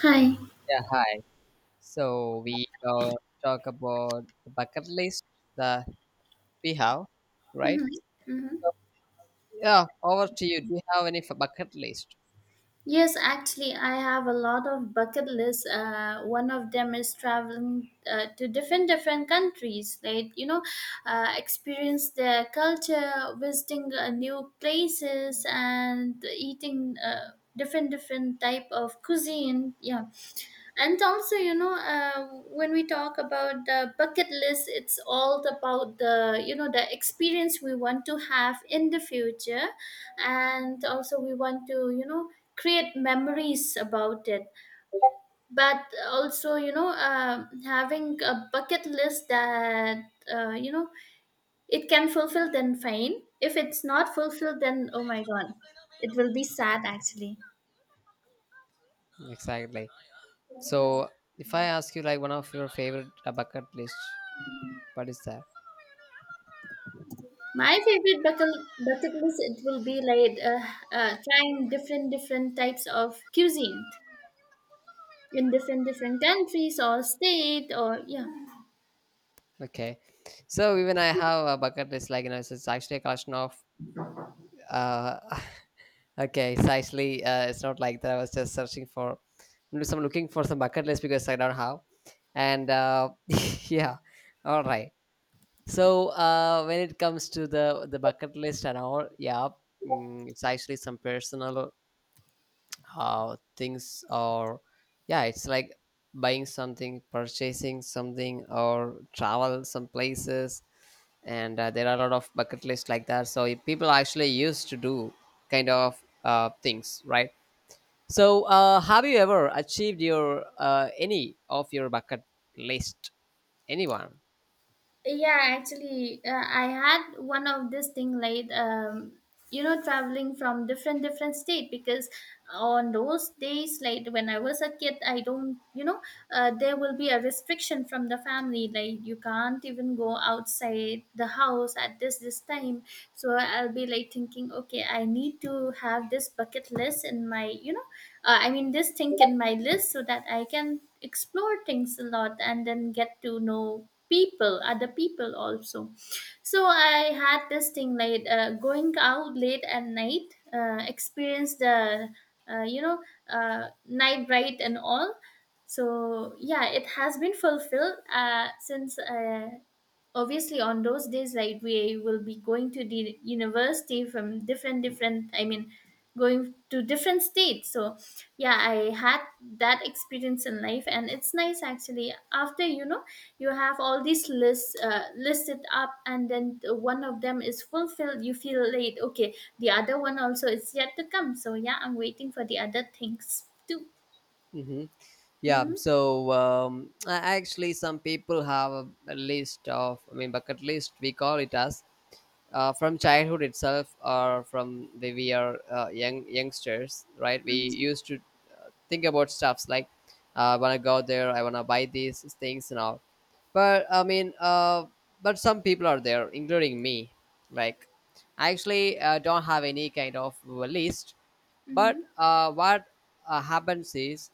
Hi. Yeah, hi. So we talk about the bucket list that we have, right? Hmm. Hmm. Yeah, over to you. Do you have any bucket list? Yes, actually, I have a lot of bucket lists. One of them is traveling to different different countries, like experience their culture, visiting new places, and eating different different type of cuisine. Yeah, and also when we talk about the bucket list, it's all about the you know the experience we want to have in the future, and also we want to create memories about it, but also having a bucket list that uh, you know it can fulfill, then fine. If it's not fulfilled, then oh my god, it will be sad actually. Exactly. So if I ask you like one of your favorite bucket list, what is that? My favorite bucket list, it will be like trying different different types of cuisine in different different countries or state or yeah. Okay. So even I have a bucket list, like you know, it's actually a collection of. Uh, okay, it's actually it's not like that. I was just searching for. I'm looking for some bucket list because I don't have, and yeah, all right. So when it comes to the bucket list and all, yeah, it's actually some personal things or yeah, it's like buying something, purchasing something, or travel some places, and there are a lot of bucket lists like that. So people actually used to do kind of things, right? So have you ever achieved your any of your bucket list? Anyone? Yeah, actually I had one of this thing like traveling from different different state, because on those days, like when I was a kid, I don't there will be a restriction from the family, like you can't even go outside the house at this time. So I'll be like thinking, okay, I need to have this bucket list in my I mean this thing in my list, so that I can explore things a lot and then get to know people other people also. So I had this thing like going out late at night, experience the uh, you know night ride and all. So yeah, it has been fulfilled since obviously on those days, like we will be going to the university from different different, I mean going to different states, so yeah, I had that experience in life, and it's nice actually. After you have all these lists listed up, and then the one of them is fulfilled, you feel late, okay, the other one also is yet to come, so yeah, I'm waiting for the other things too. hmm Yeah, Mm-hmm. so actually, some people have a list of, I mean, bucket list, we call it as, from childhood itself or from the we are young youngsters, right? We Mm-hmm. used to think about stuffs like, I want to go there, I want to buy these things and all. But I mean, but some people are there, including me. Like, I actually don't have any kind of list. But Mm-hmm. uh, what happens is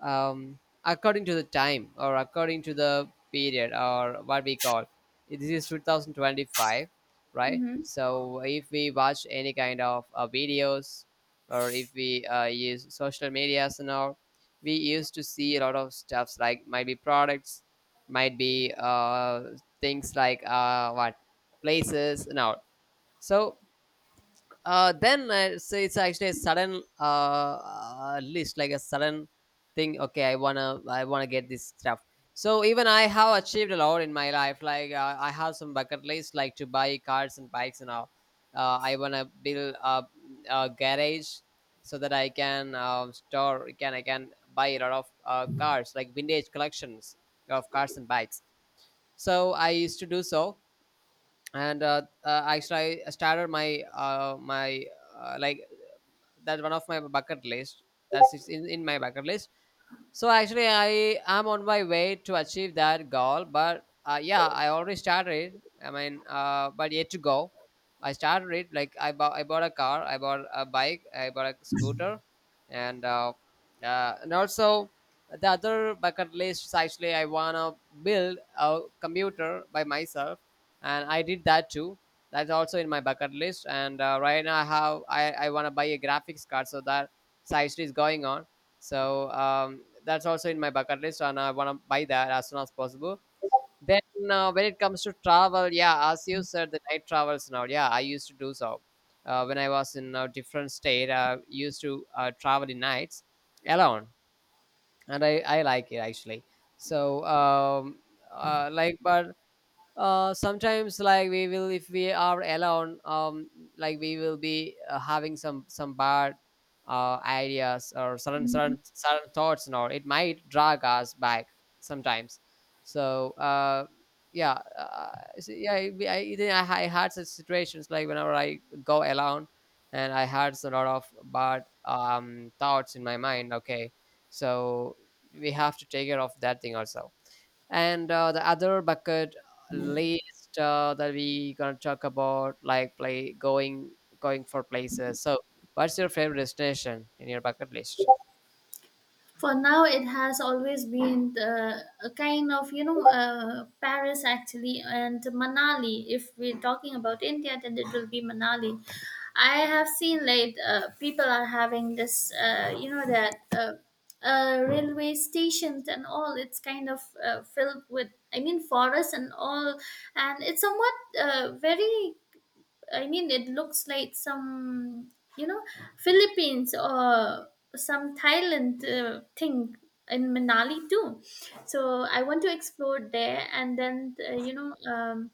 um, according to the time or according to the period or what we call this is 2025, right? Mm-hmm. So if we watch any kind of videos or if we use social medias and all, we used to see a lot of stuffs like might be products, might be things like what places and all. So then so it's actually a sudden list, like a sudden thing. Okay, I wanna get this stuff. So even I have achieved a lot in my life. Like I have some bucket list, like to buy cars and bikes and all. I wanna build a garage so that I can store can I can buy a lot of cars, like vintage collections of cars and bikes. So I used to do so, and started my like that's one of my bucket list. That's is in my bucket list. So actually, I am on my way to achieve that goal. But yeah, I already started. I mean, but yet to go. I started it like I bought a car, I bought a bike, I bought a scooter, and uh, and also the other bucket list is actually I wanna build a computer by myself, and I did that too. That's also in my bucket list. And right now I want to buy a graphics card, so that side is going on. So that's also in my bucket list, and I want to buy that as soon as possible. Then when it comes to travel, yeah, as you said, the night travels now. Yeah, I used to do so when I was in a different state. I used to travel in nights alone, and I like it actually. So like, but sometimes like we will if we are alone, like we will be having some bad ideas or certain Mm-hmm. certain certain thoughts and all, it might drag us back sometimes. so uh yeah uh, so yeah, even I had such situations like whenever I go alone and I had a lot of bad thoughts in my mind. Okay, so we have to take care of that thing also. And the other bucket list that we gonna talk about like play going going for places. So what's your favorite destination in your bucket list? For now, it has always been a kind of Paris actually, and Manali. If we're talking about India, then it will be Manali. I have seen like people are having this that railway stations and all, it's kind of filled with, I mean forests and all, and it's somewhat very, I mean it looks like some, you know, Philippines or some Thailand thing in Manali too. So I want to explore there, and then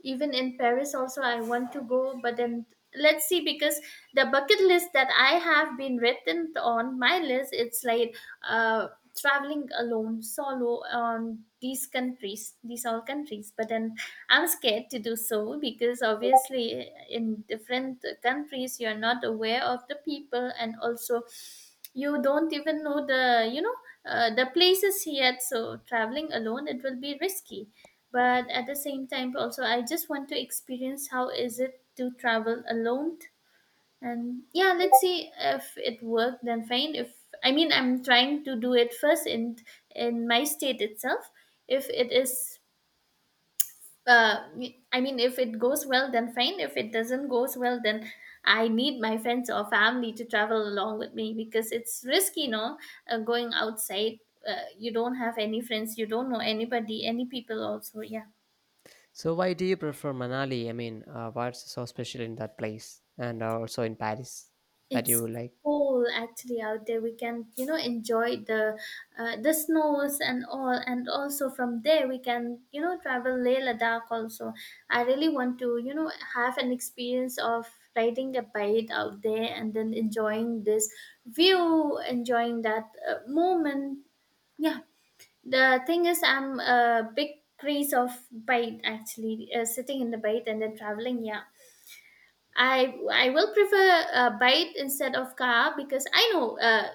even in Paris also I want to go, but then let's see, because the bucket list that I have been written on my list, it's like uh traveling alone solo on these countries, these all countries, but then I'm scared to do so, because obviously in different countries you're not aware of the people, and also you don't even know the you know the places yet. So traveling alone, it will be risky, but at the same time also I just want to experience how is it to travel alone. And yeah, let's see. If it worked, then fine. If, I mean, I'm trying to do it first in my state itself. If it is uh I mean, if it goes well, then fine. If it doesn't goes well, then I need my friends or family to travel along with me, because it's risky, going outside, you don't have any friends, you don't know anybody, any people also. Yeah. So why do you prefer Manali? I mean, what's so special in that place and also in Paris that you It's like? cold actually out there. We can, enjoy the snows and all, and also from there we can, travel Leh Ladakh. Also, I really want to, have an experience of riding a bike out there and then enjoying this view, enjoying that moment. Yeah, the thing is, I'm a big craze of bike actually, sitting in the bike and then traveling. Yeah. I will prefer a bike instead of car, because I know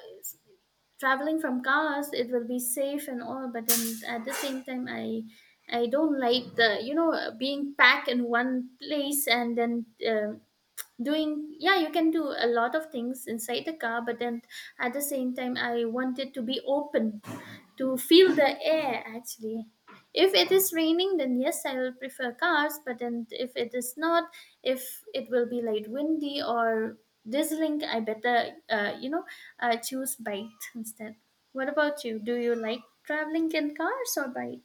traveling from cars it will be safe and all, but then at the same time I don't like the being packed in one place, and then doing, yeah, you can do a lot of things inside the car, but then at the same time I wanted to be open, to feel the air actually. If it is raining, then yes, I will prefer cars, but then if it is not, if it will be like windy or drizzling, I better choose bike instead. What about you? Do you like traveling in cars or bike?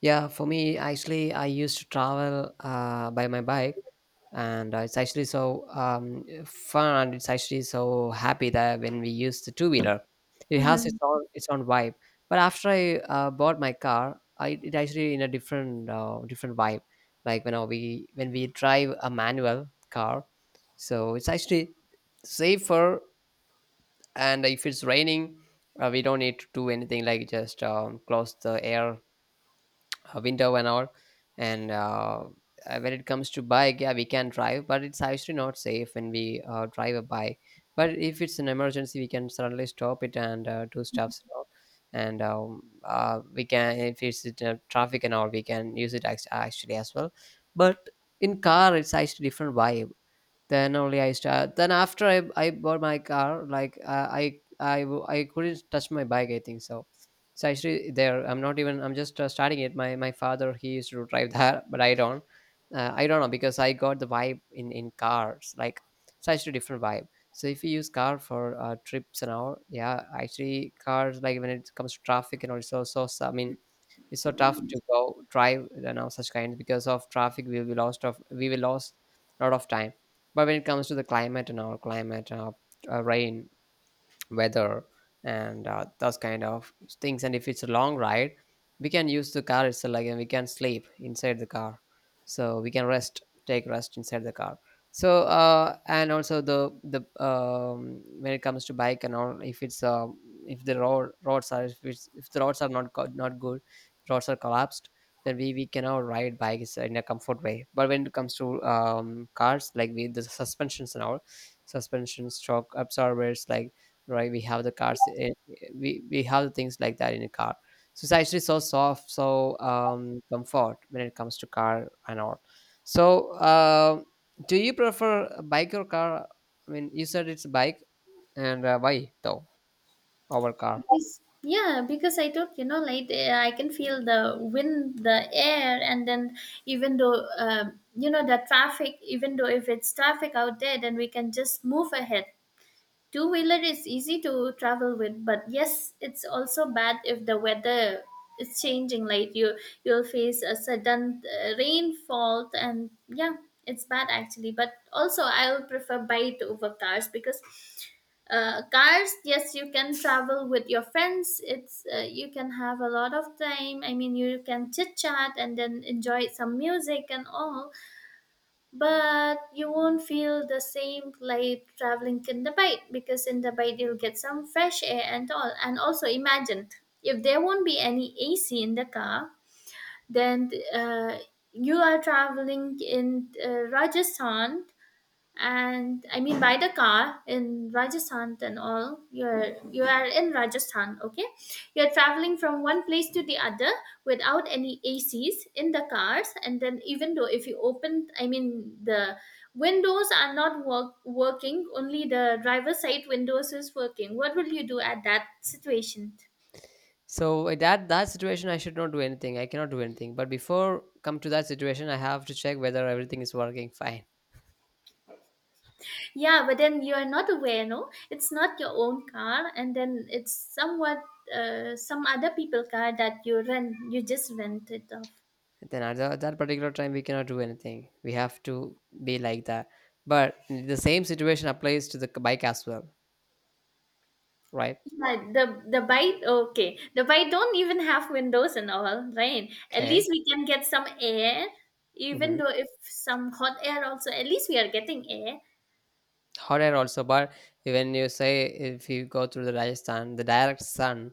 Yeah, for me actually I used to travel by my bike, and it's actually so fun, and it's actually so happy that when we use the two-wheeler it has Hmm. its own vibe. But after I bought my car, it actually in a different different vibe, like when we drive a manual car. So it's actually safer, and if it's raining we don't need to do anything, like just close the air winter and all. And when it comes to bike, yeah we can drive, but it's actually not safe when we drive a bike. But if it's an emergency we can suddenly stop it and do stuffs and all. And, we can, if it's traffic and all, we can use it actually as well. But in car it's actually different vibe. Then only I start, then after I bought my car, like I couldn't touch my bike I think so. It's actually there, I'm not even, I'm just starting it. My father, he used to drive that but I don't, I don't know because I got the vibe in cars, like it's actually different vibe. So if you use car for trips and all, yeah actually cars, like when it comes to traffic and also I mean it's so tough to go drive you know such kinds because of traffic we will be lost of we will lost a lot of time. But when it comes to the climate and our climate, rain, weather, and those kind of things, and if it's a long ride we can use the car itself, like and we can sleep inside the car, so we can rest take rest inside the car. So and also the when it comes to bike and all, if it's if the roads are if the roads are not good, roads are collapsed, then we cannot ride bikes in a comfort way. But when it comes to cars, like with the suspensions and all, suspension shock absorbers, like right we have the cars, we have the things like that in a car. So it's actually so soft so comfort when it comes to car and all. So do you prefer a bike or car? I mean, you said it's bike, and why though over car? Because, yeah, because I took, like, I can feel the wind, the air, and then, even though, the traffic, even though if it's traffic out there, then we can just move ahead. Two wheeler is easy to travel with, but yes, it's also bad if the weather is changing. Like you'll face a sudden rainfall, and yeah, it's bad actually. But also, I'll prefer bike over cars, because cars, yes, you can travel with your friends, it's you can have a lot of time, I mean you can chit chat and then enjoy some music and all, but you won't feel the same like traveling in the bike, because in the bike you'll get some fresh air and all. And also imagine, if there won't be any AC in the car, then you are traveling in Rajasthan, and I mean by the car in Rajasthan and all, you are in Rajasthan, okay, you're traveling from one place to the other without any ACs in the cars, and then, even though if you open, I mean the windows are not working, only the driver side windows is working, what will you do at that situation? So in that situation I should not do anything, I cannot do anything. But before come to that situation I have to check whether everything is working fine. Yeah, but then you're not aware, no? It's not your own car, and then it's somewhat some other people car that you rent. You just rent it off. Then at that particular time we cannot do anything, we have to be like that. But the same situation applies to the bike as well, right? Yeah, the bike. Okay, the bike don't even have windows and all, right? At Okay. least we can get some air, even Mm-hmm. though if some hot air also. At least we are getting air. Hot air also. But when you say if you go through the Rajasthan, the direct sun,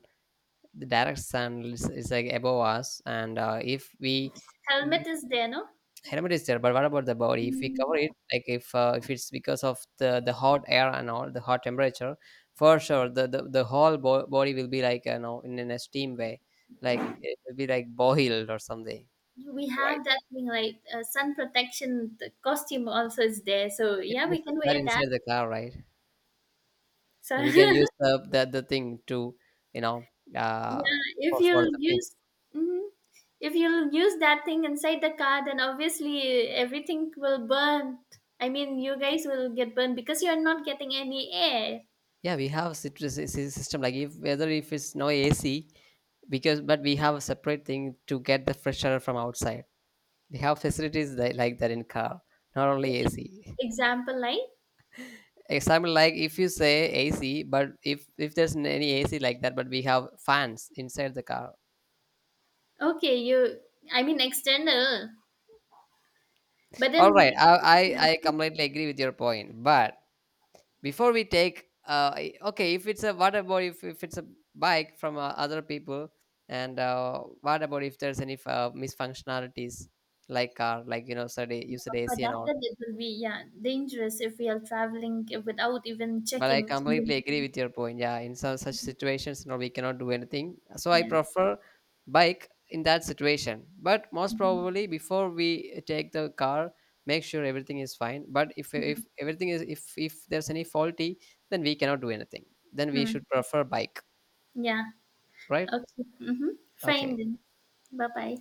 is like above us, and if we. Helmet is there, no? Helmet is there, but what about the body? If we Mm. cover it, like if it's because of the hot air and all the hot temperature, for sure the whole body will be like you know in a steam way, like it will be like boiled or something, We right? have that thing like sun protection, the costume also is there. So We yeah, can use we can that wear that. inside the car, right? So And we can use the thing to you know Yeah, uh if for you'll the thing. use, Mhm. If you'll use that thing inside the car, then obviously everything will burn. I mean, you guys will get burned, because you're not getting any air. Yeah, we have citrus system, like if whether if it's no AC, because but we have a separate thing to get the fresh air from outside. They have facilities that, like that in car, not only Like, AC. example, like Example, like if you say AC, but if there's any AC like that, but we have fans inside the car. okay, you, I mean, external, but All then, right, i, I completely agree with your point, but before we take okay if it's a, what about if it's a bike from other people, and what about if there's any misfunctionalities, like car, like you know said you said for AC and that, all. then it will be yeah dangerous if we are traveling without even But I checking. completely agree with your point. Yeah, in some such situations, no, we cannot do anything. So I Yeah. prefer bike in that situation. But most Mhm. probably, before we take the car, make sure everything is fine. But if everything is, if there's any faulty, then we cannot do anything. Then we Hmm. should prefer bike, Yeah. right? Okay. Mm-hmm. Fine Okay. then. Bye bye.